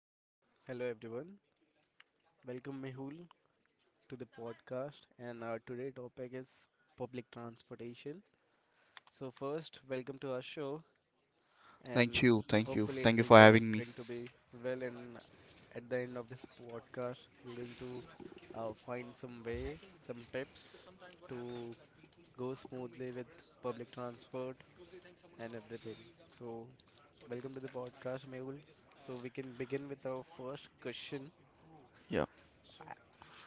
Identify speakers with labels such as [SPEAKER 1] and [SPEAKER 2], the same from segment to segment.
[SPEAKER 1] Hello, hello everyone. Welcome Mehul to the podcast and our today topic is public transportation. So first, welcome to our show
[SPEAKER 2] Thank
[SPEAKER 1] and
[SPEAKER 2] you, thank you,
[SPEAKER 1] hopefully it
[SPEAKER 2] thank you
[SPEAKER 1] will
[SPEAKER 2] for
[SPEAKER 1] go
[SPEAKER 2] having me.
[SPEAKER 1] going to be well, and at the end of this podcast we're going to find some way, some tips to go smoothly with public transport and everything. So welcome to the podcast Mehul. So we can begin with our first question.
[SPEAKER 2] Yeah,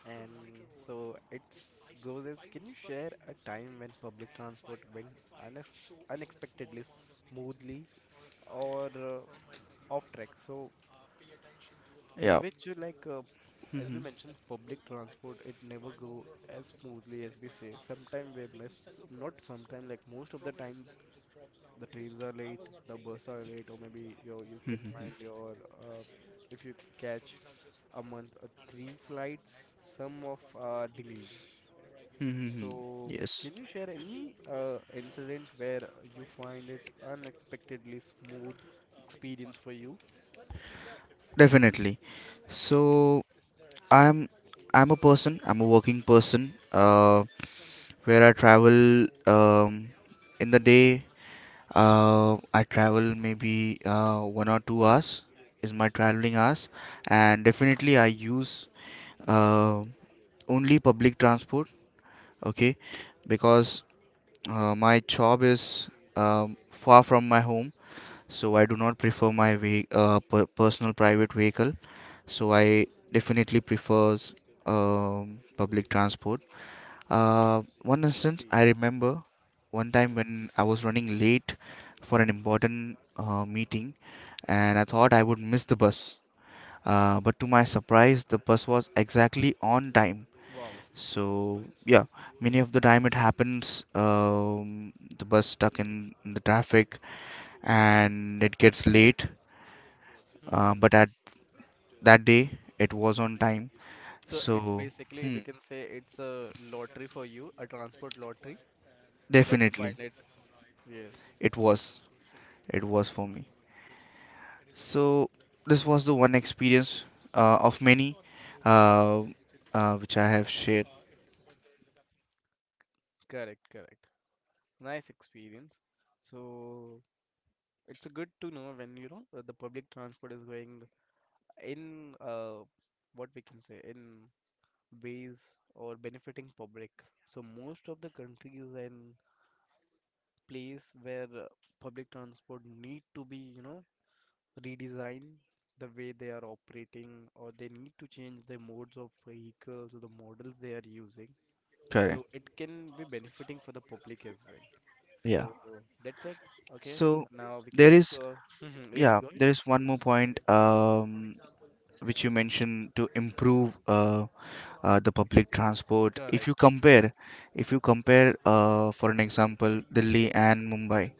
[SPEAKER 1] And so it's goes as, can you share a time when public transport went unex unexpectedly smoothly or off track? So in
[SPEAKER 2] yeah.
[SPEAKER 1] which as we
[SPEAKER 2] Mm-hmm.
[SPEAKER 1] mentioned, public transport it never go as smoothly as we say. Sometime we miss, not sometime, like most of the times the trains are late, the bus are late, or maybe you can
[SPEAKER 2] Mm-hmm.
[SPEAKER 1] find your if you catch a month or three flights, some of are delayed.
[SPEAKER 2] Mm-hmm.
[SPEAKER 1] So,
[SPEAKER 2] Yes,
[SPEAKER 1] can you share any incident where you find it unexpectedly smooth experience for you?
[SPEAKER 2] definitely. So I'm I'm a person. I'm a working person. Where I travel in the day. I travel maybe 1 or 2 hours is my traveling hours, and definitely I use uh only public transport. Okay, because my job is far from my home, so I do not prefer my personal private vehicle. So I definitely prefers public transport. One
[SPEAKER 1] I
[SPEAKER 2] instance I
[SPEAKER 1] see.
[SPEAKER 2] remember, one time
[SPEAKER 1] Hmm.
[SPEAKER 2] when I was running late for an important meeting, and I thought I would miss the bus. But to my surprise, the bus was exactly on time.
[SPEAKER 1] Wow.
[SPEAKER 2] So yeah, many of the time it happens, the bus stuck in the traffic and it gets late. But
[SPEAKER 1] Mhm.
[SPEAKER 2] at that day, it was on time.
[SPEAKER 1] So it's
[SPEAKER 2] So
[SPEAKER 1] basically,
[SPEAKER 2] hmm,
[SPEAKER 1] we can say it's a lottery for you, a transport lottery that you
[SPEAKER 2] definitely,
[SPEAKER 1] find it. Yes,
[SPEAKER 2] it was. It was for me. So this was the one experience of many, uh, which I have shared.
[SPEAKER 1] correct, correct. Nice experience. So it's a good to know when you know the public transport is going in what we can say in ways or benefiting public. So most of the countries and place where public transport need to be, you know, redesigned the way they are operating, or they need to change the modes of vehicles or the models they are using.
[SPEAKER 2] Correct.
[SPEAKER 1] So it can be benefiting for the public as well.
[SPEAKER 2] Yeah.
[SPEAKER 1] So that's it. Okay,
[SPEAKER 2] So
[SPEAKER 1] now we can
[SPEAKER 2] there
[SPEAKER 1] move to
[SPEAKER 2] is
[SPEAKER 1] our. Yes,
[SPEAKER 2] yeah
[SPEAKER 1] go ahead.
[SPEAKER 2] there is one more point, which you mentioned, to improve the public transport. If you
[SPEAKER 1] Correct.
[SPEAKER 2] compare, if you compare, for an example, Delhi and Mumbai,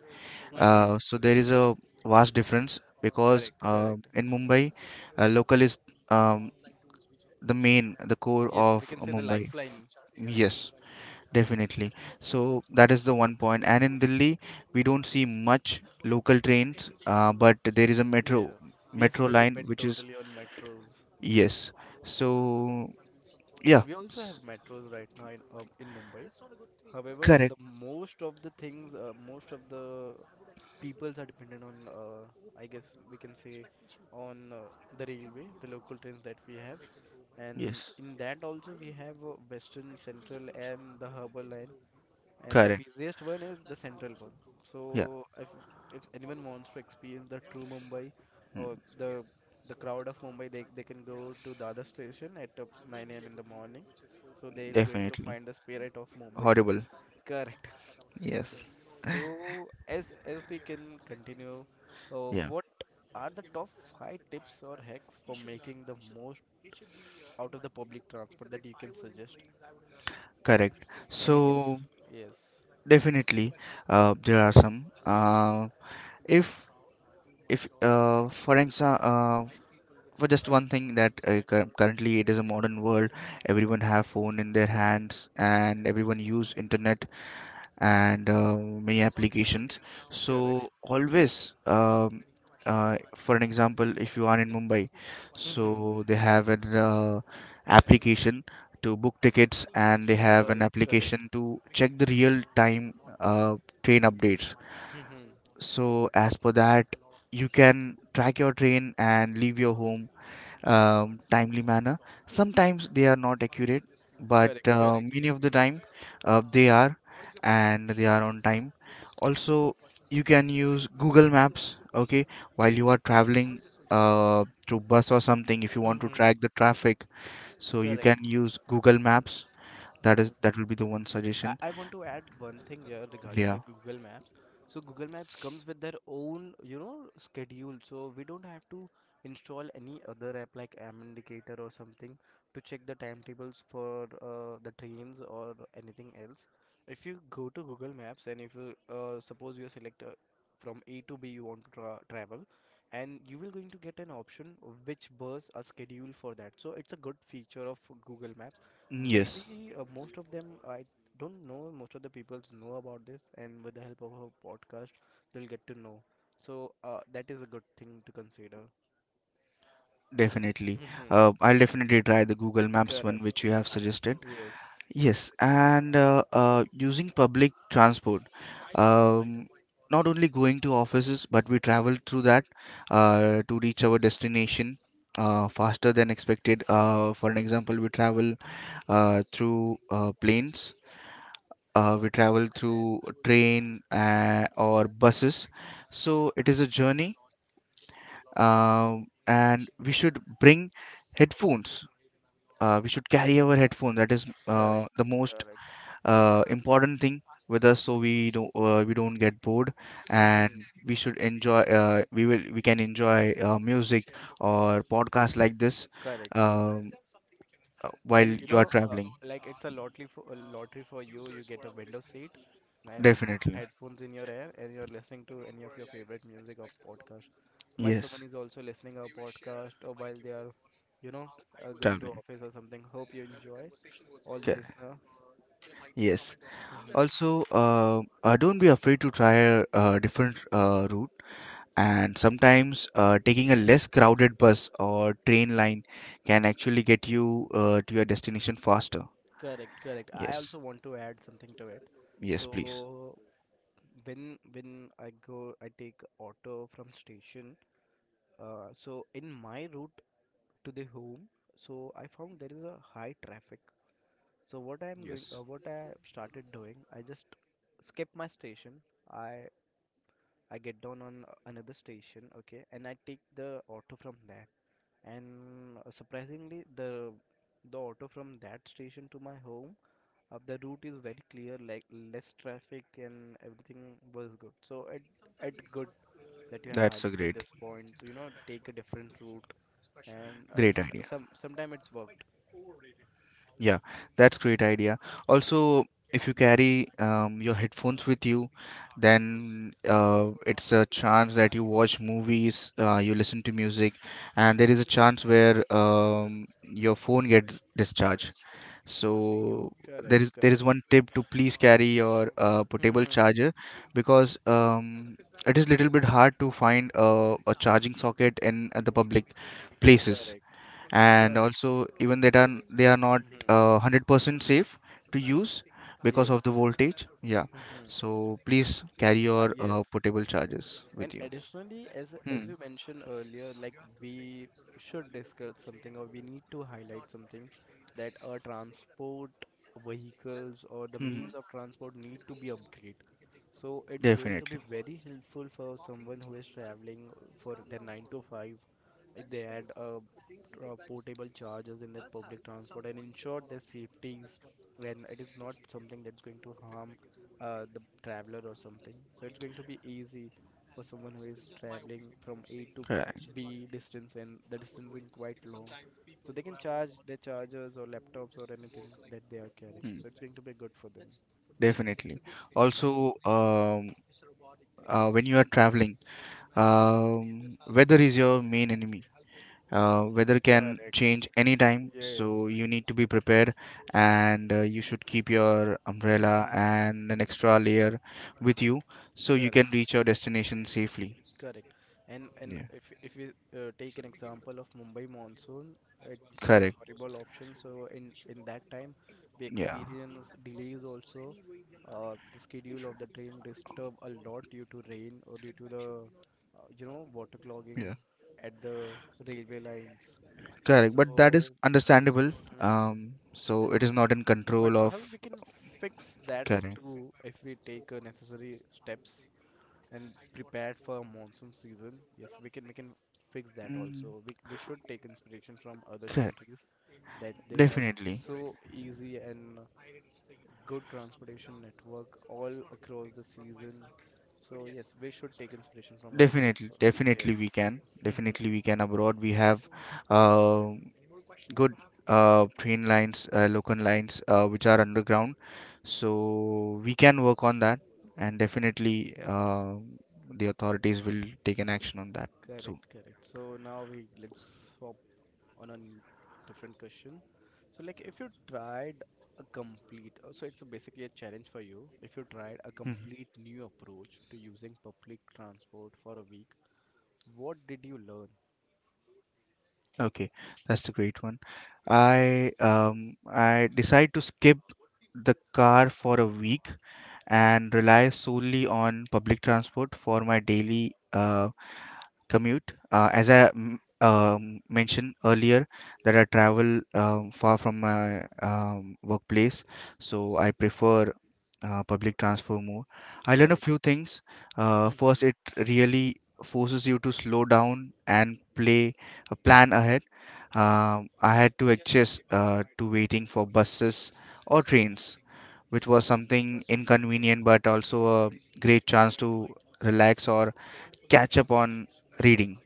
[SPEAKER 1] Hmm.
[SPEAKER 2] so there is a vast difference because
[SPEAKER 1] Correct, correct.
[SPEAKER 2] in Mumbai, local is um, the main, the core
[SPEAKER 1] Yes, we
[SPEAKER 2] of
[SPEAKER 1] can say the
[SPEAKER 2] Mumbai.
[SPEAKER 1] lifeline.
[SPEAKER 2] Yes, definitely. So that is the one point. And in Delhi, we don't see much local trains, but there is a
[SPEAKER 1] Yes.
[SPEAKER 2] metro,
[SPEAKER 1] Yes,
[SPEAKER 2] metro
[SPEAKER 1] they
[SPEAKER 2] line,
[SPEAKER 1] depend
[SPEAKER 2] which is,
[SPEAKER 1] totally on metros.
[SPEAKER 2] yes. So yeah,
[SPEAKER 1] We also have
[SPEAKER 2] s-
[SPEAKER 1] metros right now in Mumbai. However,
[SPEAKER 2] correct.
[SPEAKER 1] the most of the things, most of the peoples are dependent on, I guess we can say, on the railway, the local trains that we have, and
[SPEAKER 2] Yes.
[SPEAKER 1] in that also we have Western, Central, and the Harbour line, and the
[SPEAKER 2] Correct.
[SPEAKER 1] busiest one is the central one.
[SPEAKER 2] Yeah,
[SPEAKER 1] So if anyone wants to experience the true Mumbai or the crowd of Mumbai, they can go to Dada station at 9 a.m. in the morning. So they're going to
[SPEAKER 2] definitely.
[SPEAKER 1] find the spirit of Mumbai.
[SPEAKER 2] Horrible.
[SPEAKER 1] Correct.
[SPEAKER 2] Yes.
[SPEAKER 1] Yes. So as we can continue,
[SPEAKER 2] Yeah,
[SPEAKER 1] what are the top five tips or hacks for making the most out of the public transport that you can suggest?
[SPEAKER 2] correct.
[SPEAKER 1] Any
[SPEAKER 2] So
[SPEAKER 1] tips? Yes.
[SPEAKER 2] definitely, there are some. If if for example, for just one thing that currently, it is a modern world, everyone have phone in their hands and everyone use internet and many applications. So
[SPEAKER 1] Correct.
[SPEAKER 2] always, for an example, if you are in mumbai,
[SPEAKER 1] Hmm.
[SPEAKER 2] so they have an application to book tickets, and they have an
[SPEAKER 1] Correct. Correct.
[SPEAKER 2] application to check the real time uh, train updates.
[SPEAKER 1] Mm-hmm.
[SPEAKER 2] So as per that, you can track your train and leave your home timely manner. Sometimes they are not accurate, but
[SPEAKER 1] Correct, correct.
[SPEAKER 2] many of the time they are, and they are on time. Also, you can use Google Maps, okay, while you are traveling through bus or something, if you want to
[SPEAKER 1] Mm-hmm.
[SPEAKER 2] track the traffic. So you
[SPEAKER 1] Correct.
[SPEAKER 2] can use Google Maps. That is
[SPEAKER 1] Mhm.
[SPEAKER 2] that will be the one
[SPEAKER 1] I,
[SPEAKER 2] suggestion.
[SPEAKER 1] I want to add one thing here regarding the
[SPEAKER 2] Yeah.
[SPEAKER 1] Google Maps. So Google Maps comes with their own, you know, schedule. So we don't have to install any other app like Am Indicator or something to check the timetables for the trains or anything else. If you go to Google Maps and if you suppose you select from A to B you want to travel, and you will going to get an option of which bus are scheduled for that. So it's a good feature of Google Maps.
[SPEAKER 2] Yes,
[SPEAKER 1] Maybe most of them, I don't know, most of the people know about this, and with the help of our podcast they'll get to know. So that is a good thing to consider.
[SPEAKER 2] definitely.
[SPEAKER 1] Mm-hmm.
[SPEAKER 2] I'll definitely try the Google Maps one
[SPEAKER 1] Correct.
[SPEAKER 2] which you have suggested.
[SPEAKER 1] Yes.
[SPEAKER 2] Yes, and using public transport, um, not only going to offices, but we travel through that to reach our destination faster than expected. For an example, we travel through planes, we travel through train, or buses. So it is a journey, and we should bring headphones. We should carry our headphone. That is
[SPEAKER 1] Correct,
[SPEAKER 2] the most
[SPEAKER 1] correct,
[SPEAKER 2] important thing with us, so we don't, we don't get bored, and we should enjoy, we can enjoy music or podcasts like this,
[SPEAKER 1] correct.
[SPEAKER 2] um, while
[SPEAKER 1] And you
[SPEAKER 2] you are
[SPEAKER 1] know,
[SPEAKER 2] traveling.
[SPEAKER 1] like it's a lottery, for you you get a window seat and
[SPEAKER 2] Definitely.
[SPEAKER 1] headphones in your ear, and you're listening to any of your favorite music or podcast. Might someone
[SPEAKER 2] Yes,
[SPEAKER 1] is also listening a podcast or while they are, you know, going to
[SPEAKER 2] traveling.
[SPEAKER 1] office or something, hope you enjoy, all the
[SPEAKER 2] Okay,
[SPEAKER 1] listeners.
[SPEAKER 2] yes.
[SPEAKER 1] Hmm.
[SPEAKER 2] Also, don't be afraid to try a different route, and sometimes taking a less crowded bus or train line can actually get you to your destination faster.
[SPEAKER 1] Correct, correct. I
[SPEAKER 2] Yes,
[SPEAKER 1] also want to add something to it.
[SPEAKER 2] yes, please.
[SPEAKER 1] So when I go, I take auto from station. So in my route to the home, so I found there is a high traffic. So what I am going,
[SPEAKER 2] Yes,
[SPEAKER 1] what I started doing, I just skip my station. I I get down on another station, okay, and I take the auto from there. And surprisingly, the auto from that station to my home, the route is very clear, like less traffic and everything was good. So it good that you have
[SPEAKER 2] that's a
[SPEAKER 1] highlighted
[SPEAKER 2] great,
[SPEAKER 1] this point. So, you know, take a different route, and
[SPEAKER 2] great idea.
[SPEAKER 1] sometime it's worked.
[SPEAKER 2] Yeah, that's great idea. Also, if you carry your headphones with you, then it's a chance that you watch movies, you listen to music, and there is a chance where, your phone gets discharged. So there
[SPEAKER 1] Correct,
[SPEAKER 2] is there is
[SPEAKER 1] correct.
[SPEAKER 2] one tip to please carry your portable
[SPEAKER 1] Hmm.
[SPEAKER 2] charger, because, it is little bit hard to find a charging socket in the public places.
[SPEAKER 1] Correct,
[SPEAKER 2] And
[SPEAKER 1] correct.
[SPEAKER 2] also, even that are they are not,
[SPEAKER 1] Hmm.
[SPEAKER 2] 100% safe to use because of the
[SPEAKER 1] Yes.
[SPEAKER 2] voltage. Yeah,
[SPEAKER 1] Hmm.
[SPEAKER 2] so please carry
[SPEAKER 1] Ah,
[SPEAKER 2] your
[SPEAKER 1] yes.
[SPEAKER 2] portable chargers with
[SPEAKER 1] And
[SPEAKER 2] you.
[SPEAKER 1] additionally,
[SPEAKER 2] Hmm.
[SPEAKER 1] as we mentioned earlier, like we should discuss something, or we need to highlight something, that our transport vehicles or the
[SPEAKER 2] Hmm,
[SPEAKER 1] means of transport need to be upgraded. So it's going to be
[SPEAKER 2] definitely.
[SPEAKER 1] very helpful for someone who is traveling for their 9 to 5, if they had portable chargers in their public transport and ensure their safeties, and it is not something that's going to harm the traveler or something. So it's going to be easy for someone who is traveling from A to
[SPEAKER 2] Correct.
[SPEAKER 1] B distance and the distance is quite long. So they can charge their chargers or laptops or anything that they are carrying.
[SPEAKER 2] Hmm,
[SPEAKER 1] So it's going to be good for them.
[SPEAKER 2] definitely.
[SPEAKER 1] Mhm.
[SPEAKER 2] Also, when you are traveling, weather is your main enemy. Weather can
[SPEAKER 1] Correct.
[SPEAKER 2] change anytime,
[SPEAKER 1] Yes.
[SPEAKER 2] so you need to be prepared, and you should keep your umbrella
[SPEAKER 1] Mhm.
[SPEAKER 2] and an extra layer with you, so you can
[SPEAKER 1] Correct.
[SPEAKER 2] reach your destination safely.
[SPEAKER 1] Correct. And and
[SPEAKER 2] Yeah,
[SPEAKER 1] if if we take an example of Mumbai monsoon, it's a
[SPEAKER 2] correct.
[SPEAKER 1] horrible option. So in that time, we
[SPEAKER 2] Yeah.
[SPEAKER 1] experience delays also. The schedule of the train disturb a lot due to rain or due to the you know, water clogging
[SPEAKER 2] Yeah,
[SPEAKER 1] at the railway lines.
[SPEAKER 2] correct, but that is
[SPEAKER 1] So,
[SPEAKER 2] understandable. um so it is not in
[SPEAKER 1] but
[SPEAKER 2] control of...
[SPEAKER 1] however we can fix that
[SPEAKER 2] Correct.
[SPEAKER 1] too if we take necessary steps and prepared for monsoon season. Yes, we can fix that
[SPEAKER 2] Mm,
[SPEAKER 1] also. We should take inspiration from other
[SPEAKER 2] correct.
[SPEAKER 1] countries that they have
[SPEAKER 2] Definitely.
[SPEAKER 1] so easy and good transportation network all across the season. So yes, we should take inspiration from others
[SPEAKER 2] definitely
[SPEAKER 1] also. Yes,
[SPEAKER 2] definitely we can, definitely we can, abroad we have uh, good train lines, local lines which are underground. So we can work on that, and definitely the authorities will take an action on that. So
[SPEAKER 1] correct, correct. So now we let's on a different question. So, like, if you tried a complete, so it's a basically a challenge for you. If you tried a
[SPEAKER 2] mhm,
[SPEAKER 1] complete new approach to using public transport for a week, what did you learn?
[SPEAKER 2] okay, that's a great one. I, I decide to skip the car for a week and rely solely on public transport for my daily commute. As I mentioned earlier, that I travel, far from my, workplace, so I prefer public transfer more. I learned a few
[SPEAKER 1] Correct.
[SPEAKER 2] things. First,
[SPEAKER 1] Mm-hmm.
[SPEAKER 2] it really forces you to slow down and play a plan ahead. I had to adjust to waiting for buses or trains, which was something inconvenient, but also a great chance to relax or catch up on reading.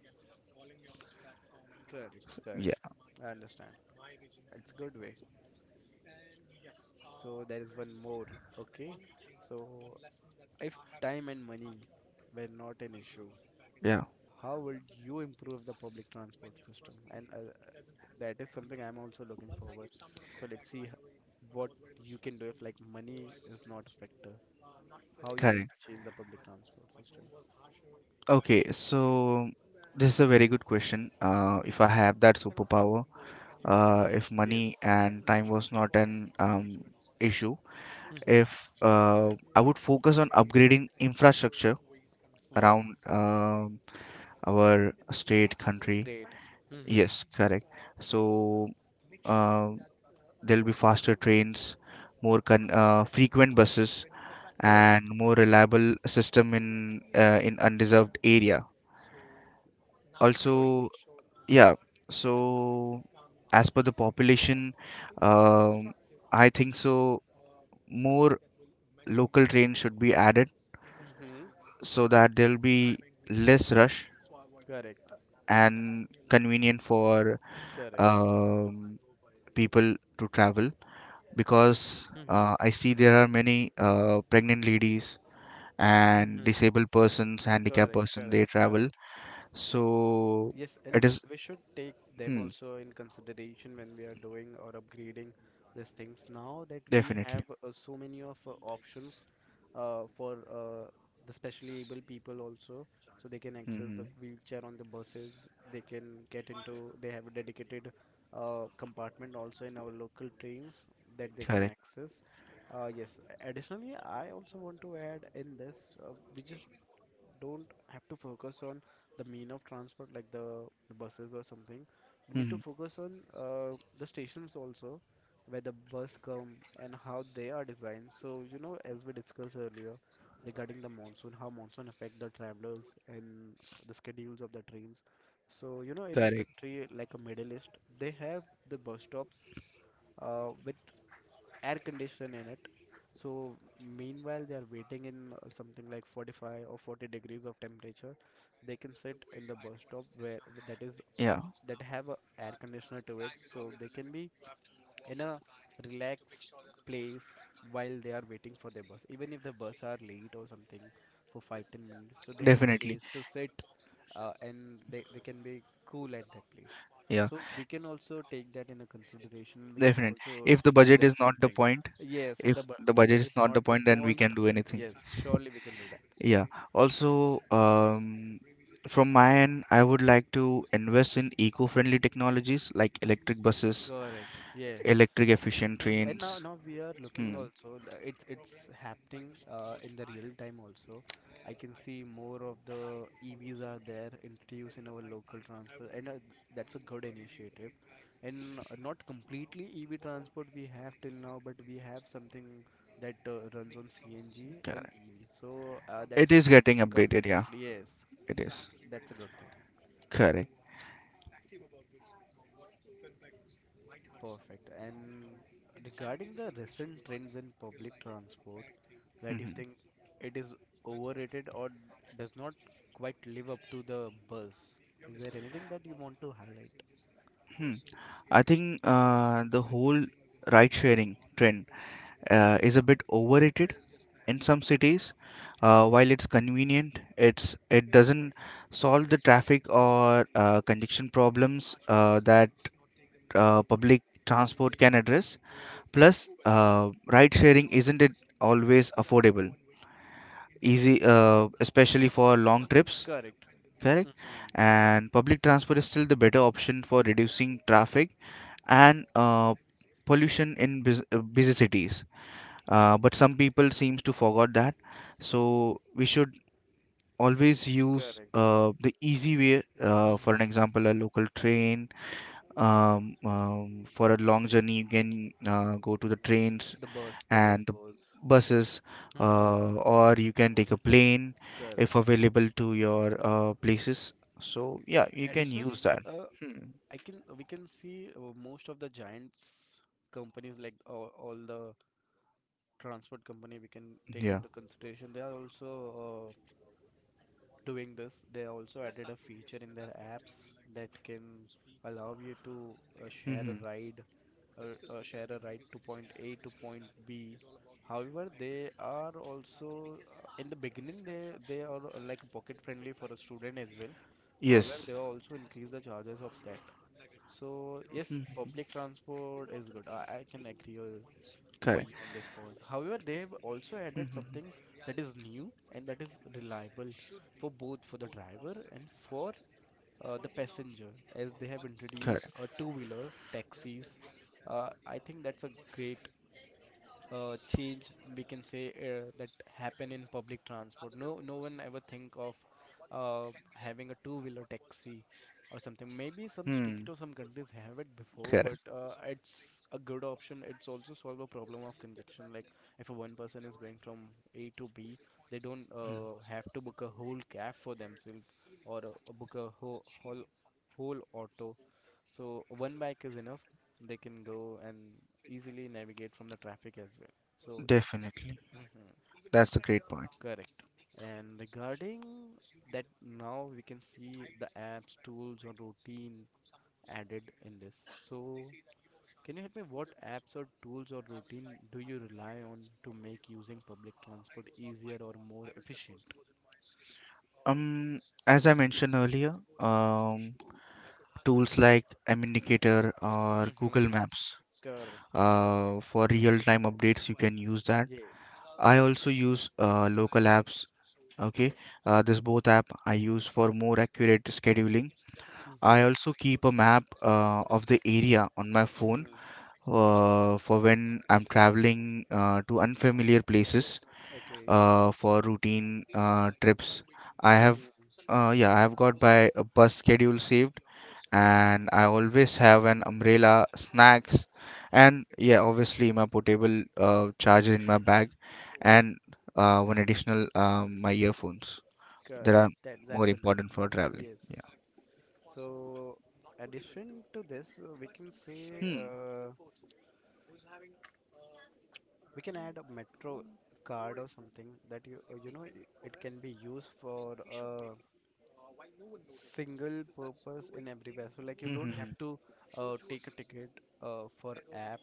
[SPEAKER 1] Correct,
[SPEAKER 2] Yeah,
[SPEAKER 1] correct. I understand. It's a good way. So, there is one more. Okay. So, if time and money were not an issue,
[SPEAKER 2] yeah,
[SPEAKER 1] how would you improve the public transport system? And that is something I'm also looking forward. So let's see what you can do if like money is not a factor. How you going
[SPEAKER 2] correct.
[SPEAKER 1] to change the public transport system?
[SPEAKER 2] Okay, so this is a very good question. If I have that superpower, if
[SPEAKER 1] Yes.
[SPEAKER 2] money and time was not an, issue,
[SPEAKER 1] Mm-hmm.
[SPEAKER 2] if I would focus on upgrading infrastructure
[SPEAKER 1] Wow.
[SPEAKER 2] around, our state, country.
[SPEAKER 1] Great. Mm-hmm.
[SPEAKER 2] Yes, correct. So, uh, there'll be faster trains, more con frequent buses,
[SPEAKER 1] Correct.
[SPEAKER 2] and more reliable system in, in undeserved area.
[SPEAKER 1] Good.
[SPEAKER 2] Also, yeah, so as per the population, um, I think so more local trains should be added,
[SPEAKER 1] Mm-hmm.
[SPEAKER 2] so that there'll be less rush
[SPEAKER 1] Correct.
[SPEAKER 2] and convenient for,
[SPEAKER 1] Correct.
[SPEAKER 2] um, people to travel, because
[SPEAKER 1] Mm-hmm.
[SPEAKER 2] I see there are many pregnant ladies and
[SPEAKER 1] Mm-hmm.
[SPEAKER 2] disabled persons, handicapped
[SPEAKER 1] Correct.
[SPEAKER 2] person they
[SPEAKER 1] Correct.
[SPEAKER 2] travel.
[SPEAKER 1] Correct.
[SPEAKER 2] So
[SPEAKER 1] Yes,
[SPEAKER 2] it
[SPEAKER 1] and we,
[SPEAKER 2] is
[SPEAKER 1] we should take them
[SPEAKER 2] hmm,
[SPEAKER 1] also in consideration when we are doing or upgrading these things. Now that we have
[SPEAKER 2] definitely.
[SPEAKER 1] so many of options for the specially able people also, so they can access
[SPEAKER 2] Hmm.
[SPEAKER 1] the wheelchair on the buses. They can get into. They have a dedicated compartment also in our local trains that they can
[SPEAKER 2] Correct.
[SPEAKER 1] access. Yes. Additionally, I also want to add in this, we just don't have to focus on the mean of transport like the buses or something. We need to
[SPEAKER 2] Hmm.
[SPEAKER 1] focus on the stations also where the bus come and how they are designed. So, you know, as we discussed earlier regarding the monsoon, how monsoon affect the travelers and the schedules of the trains. So, you know, in a
[SPEAKER 2] Correct.
[SPEAKER 1] country like a Middle East, they have the bus stops with air condition in it. So meanwhile they are waiting in something like 45 or 40 degrees of temperature. They can sit in the bus stop where that is
[SPEAKER 2] Yeah.
[SPEAKER 1] that have a air conditioner to it, so they can be in a relaxed place while they are waiting for their bus, even if the bus are late or something for 5-10 minutes, so they have a
[SPEAKER 2] Definitely.
[SPEAKER 1] place to sit and they can be cool at that place,
[SPEAKER 2] Yeah,
[SPEAKER 1] so we can also take that in a consideration. We can
[SPEAKER 2] definite.
[SPEAKER 1] also
[SPEAKER 2] If the
[SPEAKER 1] do
[SPEAKER 2] budget is
[SPEAKER 1] that
[SPEAKER 2] not the
[SPEAKER 1] something.
[SPEAKER 2] point,
[SPEAKER 1] Yes, if the
[SPEAKER 2] if
[SPEAKER 1] bu
[SPEAKER 2] the budget
[SPEAKER 1] budget
[SPEAKER 2] is
[SPEAKER 1] is
[SPEAKER 2] not the
[SPEAKER 1] not the
[SPEAKER 2] point, then we
[SPEAKER 1] point.
[SPEAKER 2] can do anything.
[SPEAKER 1] Yes, surely we can do that.
[SPEAKER 2] Yeah. Also, from my end, I would like to invest in eco-friendly technologies like electric buses,
[SPEAKER 1] Correct. Yes.
[SPEAKER 2] electric efficient
[SPEAKER 1] Mhm. And now,
[SPEAKER 2] trains.
[SPEAKER 1] now we are looking
[SPEAKER 2] Hmm.
[SPEAKER 1] also. It's happening in the real time also. I can see more of the EVs are there introduced in our local transport, and that's a good initiative. And not completely EV transport we have till now, but we have something that runs on CNG and
[SPEAKER 2] Correct.
[SPEAKER 1] EV. So that's
[SPEAKER 2] It
[SPEAKER 1] a
[SPEAKER 2] is
[SPEAKER 1] good
[SPEAKER 2] getting updated. Yeah,
[SPEAKER 1] combination. Yes,
[SPEAKER 2] it is.
[SPEAKER 1] that's a good.
[SPEAKER 2] Correct.
[SPEAKER 1] Perfect. And regarding the recent trends in public transport, that you
[SPEAKER 2] Hmm.
[SPEAKER 1] think it is overrated or does not quite live up to the buzz, is there anything that you want to highlight?
[SPEAKER 2] Hmm. I think the whole ride sharing trend is a bit overrated in some cities. While it's convenient, it's, it doesn't solve the traffic or congestion problems that public transport can address. Plus, ride sharing isn't it always affordable easy, especially for long trips.
[SPEAKER 1] Correct.
[SPEAKER 2] Correct.
[SPEAKER 1] Mm-hmm.
[SPEAKER 2] And public transport is still the better option for reducing traffic and, pollution in busy cities. But some people seems to forgot that, so we should always use
[SPEAKER 1] Correct.
[SPEAKER 2] the easy way. For an
[SPEAKER 1] Hmm.
[SPEAKER 2] example, a local train. For a long journey, you can go to the trains
[SPEAKER 1] The bus, the
[SPEAKER 2] and the
[SPEAKER 1] Volvos.
[SPEAKER 2] buses,
[SPEAKER 1] Mm-hmm.
[SPEAKER 2] or you can take a plane if
[SPEAKER 1] Correct.
[SPEAKER 2] available to your places. So yeah, you can
[SPEAKER 1] Additionally,
[SPEAKER 2] use that.
[SPEAKER 1] uh,
[SPEAKER 2] Hmm.
[SPEAKER 1] I can we can see most of the giants companies like all the transport company we can take
[SPEAKER 2] Yeah.
[SPEAKER 1] into consideration. They are also uh. doing this. They also added a feature in their apps that can allow you to share a
[SPEAKER 2] Hmm.
[SPEAKER 1] ride or share a ride to point A to point B. However, they are also in the beginning they are like pocket friendly for a student as well. However,
[SPEAKER 2] Yes.
[SPEAKER 1] they also increase the charges of that. So yes,
[SPEAKER 2] Hmm.
[SPEAKER 1] public transport is good. I can agree for
[SPEAKER 2] Correct.
[SPEAKER 1] you on this point. However, they have also added
[SPEAKER 2] Hmm.
[SPEAKER 1] something that is new and that is reliable for both for the driver and for the passenger, as they have introduced
[SPEAKER 2] Correct.
[SPEAKER 1] a two-wheeler taxis. I think that's a great change we can say that happen in public transport. No, No one ever think of having a two-wheeler taxi or something. Maybe some state
[SPEAKER 2] Hmm.
[SPEAKER 1] or some countries have it before,
[SPEAKER 2] Correct.
[SPEAKER 1] but it's a good option. It's also solve a problem of congestion. Like if a one person is going from A to B, they don't
[SPEAKER 2] Mm.
[SPEAKER 1] have to book a whole cab for themselves or book a whole auto so one bike is enough. They can go and easily navigate from the traffic as well. So yes,
[SPEAKER 2] Definitely. That's a great point.
[SPEAKER 1] correct. And regarding that, now we can see the apps, tools, or routine added in this. So can you help me? What apps or tools or routine do you rely on to make using public transport easier or more efficient?
[SPEAKER 2] Um, as I mentioned earlier, tools like Aminicator or Google
[SPEAKER 1] Mm-hmm.
[SPEAKER 2] Maps.
[SPEAKER 1] Correct.
[SPEAKER 2] For real-time updates, you can use that.
[SPEAKER 1] Yes.
[SPEAKER 2] I also use local apps. Okay, this both app I use for more accurate scheduling. I
[SPEAKER 1] Mm-hmm.
[SPEAKER 2] also keep a map of the area on my phone
[SPEAKER 1] Mm-hmm.
[SPEAKER 2] for when I'm traveling to unfamiliar places.
[SPEAKER 1] Okay.
[SPEAKER 2] For routine trips, I have,
[SPEAKER 1] Mm-hmm.
[SPEAKER 2] yeah, I have got my bus schedule saved, and I always have an umbrella, snacks, and yeah, obviously my portable charger in my bag, and one additional, my earphones that are
[SPEAKER 1] Correct. That
[SPEAKER 2] more
[SPEAKER 1] that's a good
[SPEAKER 2] important for
[SPEAKER 1] thing.
[SPEAKER 2] traveling.
[SPEAKER 1] Yes.
[SPEAKER 2] Yeah.
[SPEAKER 1] So, addition to this, we can say
[SPEAKER 2] Hmm.
[SPEAKER 1] we can add a metro card or something that you you know it can be used for a single purpose in everywhere. So, like you
[SPEAKER 2] Hmm.
[SPEAKER 1] don't
[SPEAKER 2] Hmm,
[SPEAKER 1] have
[SPEAKER 2] hmm.
[SPEAKER 1] to take a ticket uh, for app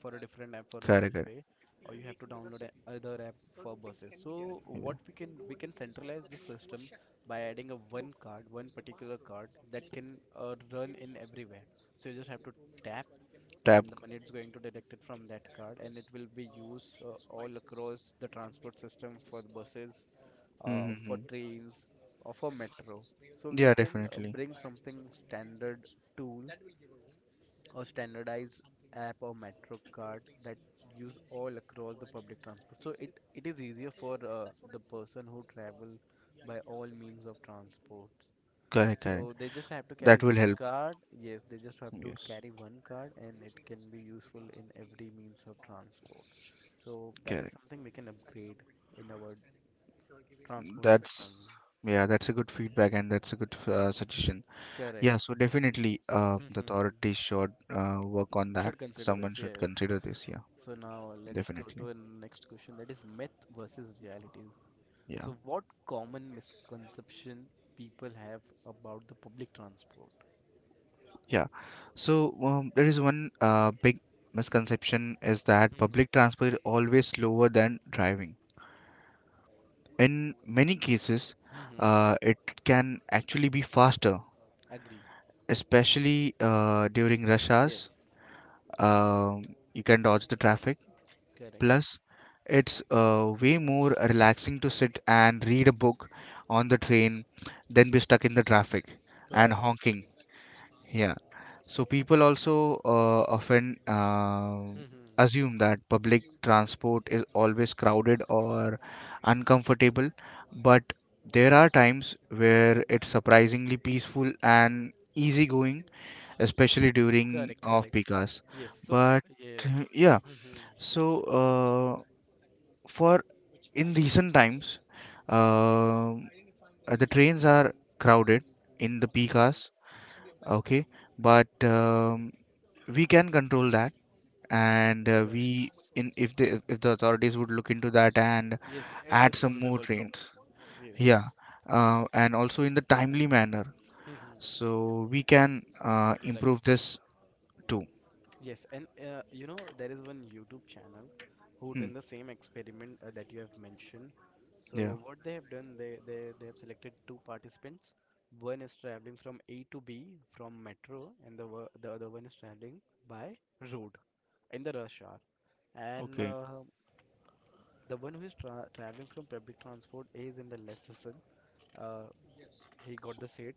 [SPEAKER 1] for a different app for a
[SPEAKER 2] Correct. Correct.
[SPEAKER 1] railway, or you have to download other app for buses. So,
[SPEAKER 2] Yeah.
[SPEAKER 1] what we can centralize the system by adding a one card, one particular card that can run in everywhere. So you just have to tap
[SPEAKER 2] Tap.
[SPEAKER 1] and the money is going to deduct it from that card and it will be used all across the transport system for the buses
[SPEAKER 2] Hmm. Hmm,
[SPEAKER 1] for
[SPEAKER 2] hmm.
[SPEAKER 1] trains or for metro so we
[SPEAKER 2] Yeah.
[SPEAKER 1] can
[SPEAKER 2] Definitely.
[SPEAKER 1] bring something standard tool or standardized app or metro card that use all across the public transport so it is easier for the person who travel by all means of transport
[SPEAKER 2] Correct. Correct.
[SPEAKER 1] so they just have to carry
[SPEAKER 2] That will
[SPEAKER 1] one
[SPEAKER 2] help.
[SPEAKER 1] card. Yes, they just have to
[SPEAKER 2] Yes.
[SPEAKER 1] carry one card and it can be useful in every means of transport. So that is
[SPEAKER 2] Correct.
[SPEAKER 1] something we can upgrade in our transport
[SPEAKER 2] That's,
[SPEAKER 1] system.
[SPEAKER 2] yeah, that's a good feedback and that's a good suggestion. Yeah,
[SPEAKER 1] Correct.
[SPEAKER 2] so definitely the
[SPEAKER 1] Mhm.
[SPEAKER 2] authorities should work on that.
[SPEAKER 1] Should consider
[SPEAKER 2] Someone
[SPEAKER 1] this,
[SPEAKER 2] should
[SPEAKER 1] yes.
[SPEAKER 2] consider this. Yeah,
[SPEAKER 1] So now let's go to
[SPEAKER 2] definitely.
[SPEAKER 1] the next question that is myth versus realities.
[SPEAKER 2] Yeah,
[SPEAKER 1] So what common misconception people have about the public transport?
[SPEAKER 2] yeah. So, there is one big misconception is that
[SPEAKER 1] Mm-hmm.
[SPEAKER 2] public transport is always slower than driving. In many cases,
[SPEAKER 1] Mm-hmm.
[SPEAKER 2] it can actually be faster,
[SPEAKER 1] Agree.
[SPEAKER 2] especially during rush
[SPEAKER 1] Yes.
[SPEAKER 2] hours. Um you can dodge the traffic.
[SPEAKER 1] Correct.
[SPEAKER 2] Plus, it's way more relaxing to sit and read a book on the train than be stuck in the traffic and
[SPEAKER 1] Correct.
[SPEAKER 2] honking. Yeah. So people also often
[SPEAKER 1] Mm-hmm.
[SPEAKER 2] assume that public transport is always crowded or uncomfortable, but there are times where it's surprisingly peaceful and easygoing, especially during
[SPEAKER 1] Correct, correct.
[SPEAKER 2] off-peak hours.
[SPEAKER 1] Yes, so
[SPEAKER 2] But
[SPEAKER 1] yes.
[SPEAKER 2] yeah,
[SPEAKER 1] Mm-hmm.
[SPEAKER 2] so for in recent times, um, the trains are crowded in the peak hours,
[SPEAKER 1] Mm-hmm.
[SPEAKER 2] okay, but, we can control that, and
[SPEAKER 1] Correct.
[SPEAKER 2] we, in if the authorities would look into that and
[SPEAKER 1] Yes, it
[SPEAKER 2] add
[SPEAKER 1] is
[SPEAKER 2] some more
[SPEAKER 1] solvable problem.
[SPEAKER 2] trains,
[SPEAKER 1] Yes.
[SPEAKER 2] yeah, and also in the timely manner,
[SPEAKER 1] Mm-hmm.
[SPEAKER 2] so we can
[SPEAKER 1] Correct.
[SPEAKER 2] improve this too.
[SPEAKER 1] Yes, and you know there is one YouTube channel who
[SPEAKER 2] Hmm.
[SPEAKER 1] done the same experiment that you have mentioned.
[SPEAKER 2] Yeah.
[SPEAKER 1] So what they have done, they have selected two participants. One is traveling from A to B from metro, and the the other one is traveling by road in the rush hour. And
[SPEAKER 2] Okay.
[SPEAKER 1] the one who is traveling from public transport is in the less hustle. Uh, he got the seat,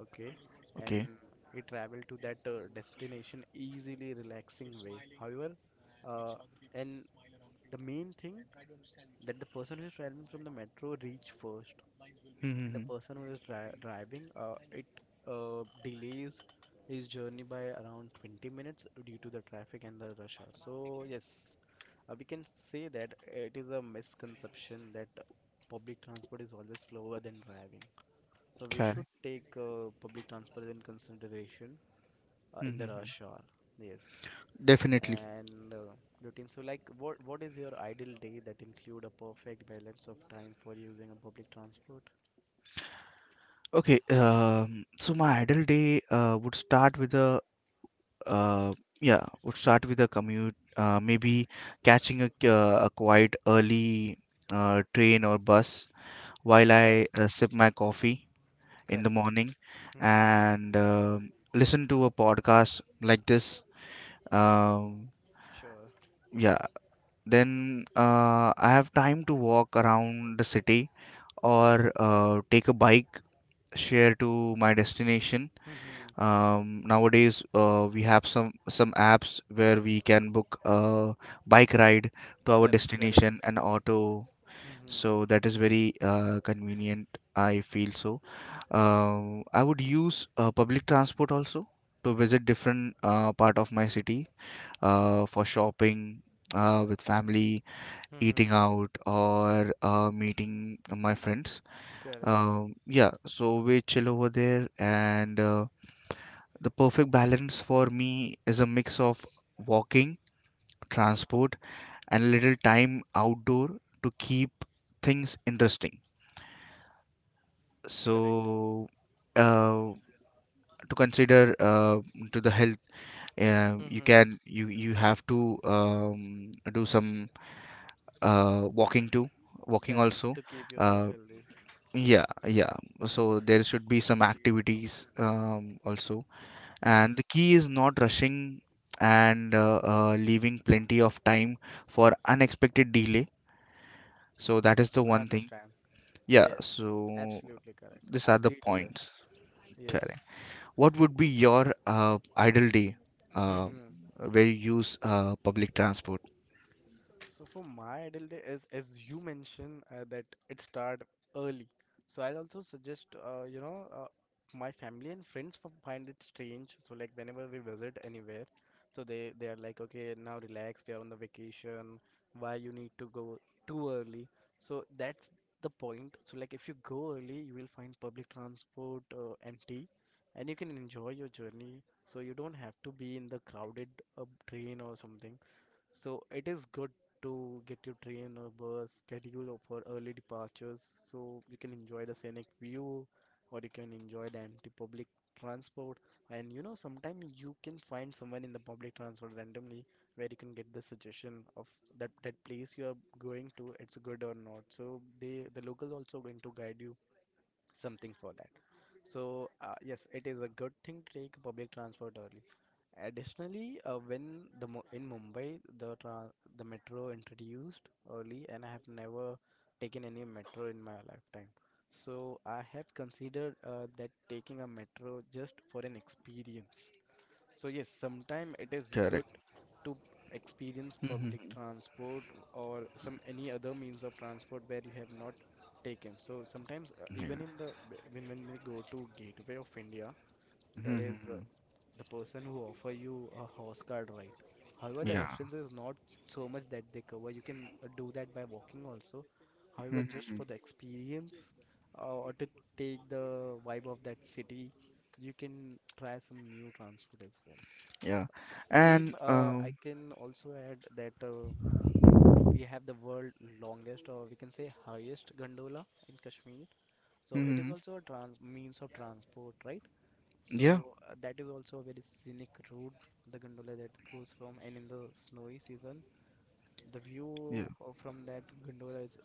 [SPEAKER 1] okay,
[SPEAKER 2] Okay.
[SPEAKER 1] and he traveled to that destination easily, relaxing way. However, uh, and the main thing that the person who is traveling from the metro reach first,
[SPEAKER 2] Hmm. Hmm,
[SPEAKER 1] and the
[SPEAKER 2] hmm.
[SPEAKER 1] person who is driving, it delays his journey by around 20 minutes due to the traffic and the rush hour. So yes, we can say that it is a misconception that public transport is always slower than driving. So we should
[SPEAKER 2] Correct.
[SPEAKER 1] take public transport in consideration
[SPEAKER 2] Hmm.
[SPEAKER 1] in
[SPEAKER 2] Hmm,
[SPEAKER 1] the
[SPEAKER 2] hmm.
[SPEAKER 1] rush hour. Yes.
[SPEAKER 2] Definitely.
[SPEAKER 1] And routine. So like what is your ideal day that include a perfect balance of time for using a public transport?
[SPEAKER 2] Okay, so my idle day would start with a, uh, yeah, would start with a commute, maybe catching a quite early train or bus while I
[SPEAKER 1] Correct.
[SPEAKER 2] sip my coffee in the
[SPEAKER 1] Correct.
[SPEAKER 2] morning
[SPEAKER 1] Mm-hmm.
[SPEAKER 2] and listen to a podcast like this. Um,
[SPEAKER 1] Sure.
[SPEAKER 2] yeah, then I have time to walk around the city or take a bike share to my destination.
[SPEAKER 1] Mm-hmm.
[SPEAKER 2] Nowadays, we have some apps where we can book a bike ride to our
[SPEAKER 1] Correct. Correct.
[SPEAKER 2] destination and auto.
[SPEAKER 1] Mm-hmm.
[SPEAKER 2] So that is very convenient, I feel so. I would use public transport also to visit different part of my city
[SPEAKER 1] Yes.
[SPEAKER 2] for shopping, with family,
[SPEAKER 1] Mm-hmm.
[SPEAKER 2] eating out, or meeting my friends.
[SPEAKER 1] Correct.
[SPEAKER 2] Yeah, so we chill over there. And, the perfect balance for me is a mix of walking, transport, and a little time outdoor to keep things interesting.
[SPEAKER 1] Correct.
[SPEAKER 2] So, uh, to consider, to the health, you
[SPEAKER 1] Mm-hmm.
[SPEAKER 2] can, you have to, do some walking too. Walking
[SPEAKER 1] Correct.
[SPEAKER 2] also,
[SPEAKER 1] To keep yourself
[SPEAKER 2] uh,
[SPEAKER 1] healthy.
[SPEAKER 2] yeah, yeah. So there should be some activities, also,
[SPEAKER 1] Mhm.
[SPEAKER 2] and the key is not rushing and, leaving plenty of time for unexpected delay. So that is the
[SPEAKER 1] I
[SPEAKER 2] one thing,
[SPEAKER 1] understand.
[SPEAKER 2] yeah.
[SPEAKER 1] Yes,
[SPEAKER 2] So
[SPEAKER 1] absolutely correct.
[SPEAKER 2] these
[SPEAKER 1] I
[SPEAKER 2] are the
[SPEAKER 1] agree to this.
[SPEAKER 2] points.
[SPEAKER 1] Yes.
[SPEAKER 2] Correct. What would be your ideal day uh,
[SPEAKER 1] Hmm.
[SPEAKER 2] where you use public transport?
[SPEAKER 1] So for my ideal day, as you mentioned that it start early, so I'll also suggest my family and friends f find it strange. So like whenever we visit anywhere, so they are like, okay, now relax, we are on the vacation. Why you need to go too early? So that's the point. So like if you go early, you will find public transport empty, and you can enjoy your journey. So you don't have to be in the crowded uh, train or something. So it is good to get your train or bus schedule for early departures so you can enjoy the scenic view or you can enjoy the empty public transport. And you know, sometimes you can find someone in the public transport randomly where you can get the suggestion of that place you are going to, it's good or not. So they the local also going to guide you something for that. So, yes, it is a good thing to take public transport early. Additionally, when the in Mumbai the the metro introduced early, and I have never taken any metro in my lifetime. So I have considered that taking a metro just for an experience. So yes, sometimes it is
[SPEAKER 2] Correct.
[SPEAKER 1] good to experience public
[SPEAKER 2] Mm-hmm.
[SPEAKER 1] transport or some any other means of transport where you have not taken. So sometimes
[SPEAKER 2] Yeah.
[SPEAKER 1] even in the when we go to Gateway of India, there is
[SPEAKER 2] Mhm.
[SPEAKER 1] the person who offer you a horse card ride. However, the
[SPEAKER 2] Yeah.
[SPEAKER 1] distance is not so much that they cover. You can do that by walking also. However, just
[SPEAKER 2] Mhm.
[SPEAKER 1] for the experience or to take the vibe of that city, you can try some new transport as well.
[SPEAKER 2] Yeah,
[SPEAKER 1] Same,
[SPEAKER 2] and
[SPEAKER 1] I can also add that we have the world longest, or we can say highest gondola in Kashmir. So it is
[SPEAKER 2] mhm.
[SPEAKER 1] also a trans means of transport, right? So
[SPEAKER 2] Yeah,
[SPEAKER 1] that is also a very scenic route, the gondola that goes from, and in the snowy season, the view from that gondola is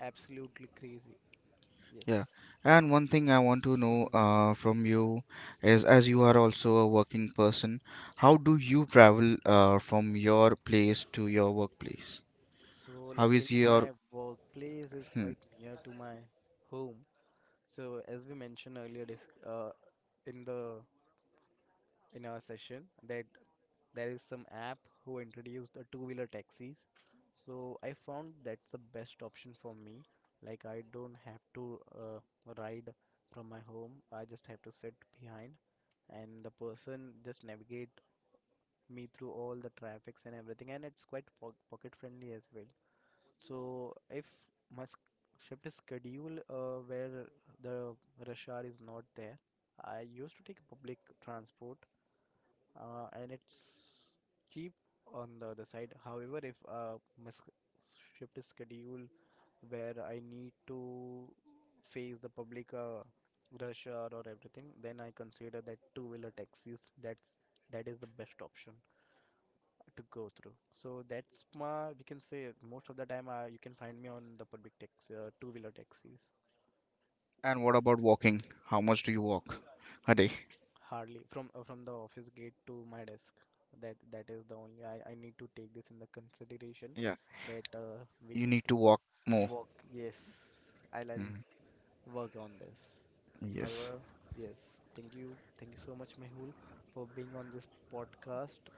[SPEAKER 1] absolutely crazy. Yes.
[SPEAKER 2] Yeah, and one thing I want to know from you is, as you are also a working person, how do you travel from your place to your workplace?
[SPEAKER 1] So
[SPEAKER 2] How is
[SPEAKER 1] luckily,
[SPEAKER 2] your,
[SPEAKER 1] my workplace is
[SPEAKER 2] hmm.
[SPEAKER 1] quite near to my home. So as we mentioned earlier, this uh, in the in our session that there is some app who introduced the two-wheeler taxis. So I found that's the best option for me. Like I don't have to ride from my home. I just have to sit behind and the person just navigate me through all the traffics and everything and it's quite po pocket friendly as well. So if my shift is scheduled where the rush hour is not there, I used to take public transport and it's cheap on the other side. However, if my shift is scheduled where I need to face the public rush hour or everything, then I consider that two-wheeler taxis. That is the best option to go through. So that's my we can say most of the time you can find me on the public tax two-wheeler taxis.
[SPEAKER 2] And what about walking? How much do you walk a day?
[SPEAKER 1] Hardly from the office gate to my desk. That is the only I need to take this in the consideration
[SPEAKER 2] Yeah,
[SPEAKER 1] that we
[SPEAKER 2] you
[SPEAKER 1] need
[SPEAKER 2] need to
[SPEAKER 1] to
[SPEAKER 2] walk more.
[SPEAKER 1] work. Yes, I'll
[SPEAKER 2] Mm.
[SPEAKER 1] work on this.
[SPEAKER 2] Yes.
[SPEAKER 1] However, yes, thank you so much, Mehul, for being on this podcast.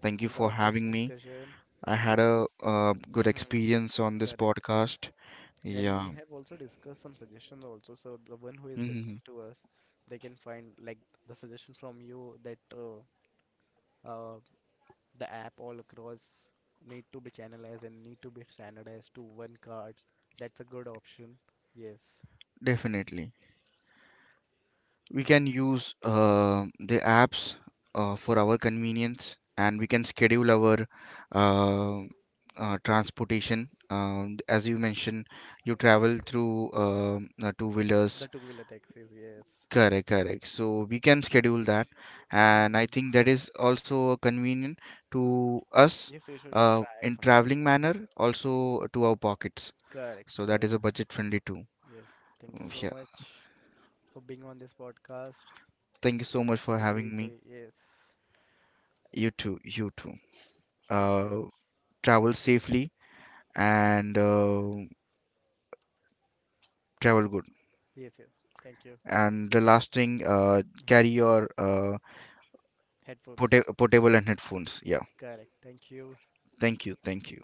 [SPEAKER 2] Thank you for
[SPEAKER 1] Love this
[SPEAKER 2] having me.
[SPEAKER 1] discussion.
[SPEAKER 2] I had a
[SPEAKER 1] Yes.
[SPEAKER 2] good
[SPEAKER 1] Mm-hmm.
[SPEAKER 2] experience on this
[SPEAKER 1] Correct.
[SPEAKER 2] podcast.
[SPEAKER 1] And we
[SPEAKER 2] Yeah.
[SPEAKER 1] have also discussed some suggestions also. So the one who is listening
[SPEAKER 2] Mhm.
[SPEAKER 1] to us, they can find like the suggestion from you that uh, the app all across need to be channelized and need to be standardized to one card. That's a good option. Yes.
[SPEAKER 2] Definitely. We can
[SPEAKER 1] Mhm.
[SPEAKER 2] use the apps for our convenience, and we can schedule our, uh, transportation. As you mentioned, you travel through, two
[SPEAKER 1] The
[SPEAKER 2] wheelers.
[SPEAKER 1] two-wheeler taxis, yes.
[SPEAKER 2] Correct, correct. So we can schedule that. And I
[SPEAKER 1] Mhm.
[SPEAKER 2] think that is also convenient to us
[SPEAKER 1] Yes, you should try
[SPEAKER 2] in
[SPEAKER 1] sometime.
[SPEAKER 2] traveling manner, also to our pockets.
[SPEAKER 1] Correct,
[SPEAKER 2] So that
[SPEAKER 1] correct.
[SPEAKER 2] is a budget friendly too.
[SPEAKER 1] Yes. Thank you so
[SPEAKER 2] Yeah.
[SPEAKER 1] much for being on this podcast.
[SPEAKER 2] Thank you so much for
[SPEAKER 1] Have a
[SPEAKER 2] having
[SPEAKER 1] great
[SPEAKER 2] me.
[SPEAKER 1] day. Yes.
[SPEAKER 2] You too. You too.
[SPEAKER 1] Thank you.
[SPEAKER 2] Uh, Travel safely and, travel good.
[SPEAKER 1] Yes, yes. Thank you.
[SPEAKER 2] And the last thing, carry
[SPEAKER 1] Mhm.
[SPEAKER 2] your,
[SPEAKER 1] Headphones.
[SPEAKER 2] portable and headphones. Yeah.
[SPEAKER 1] Correct. Thank you.
[SPEAKER 2] Thank you. Thank you.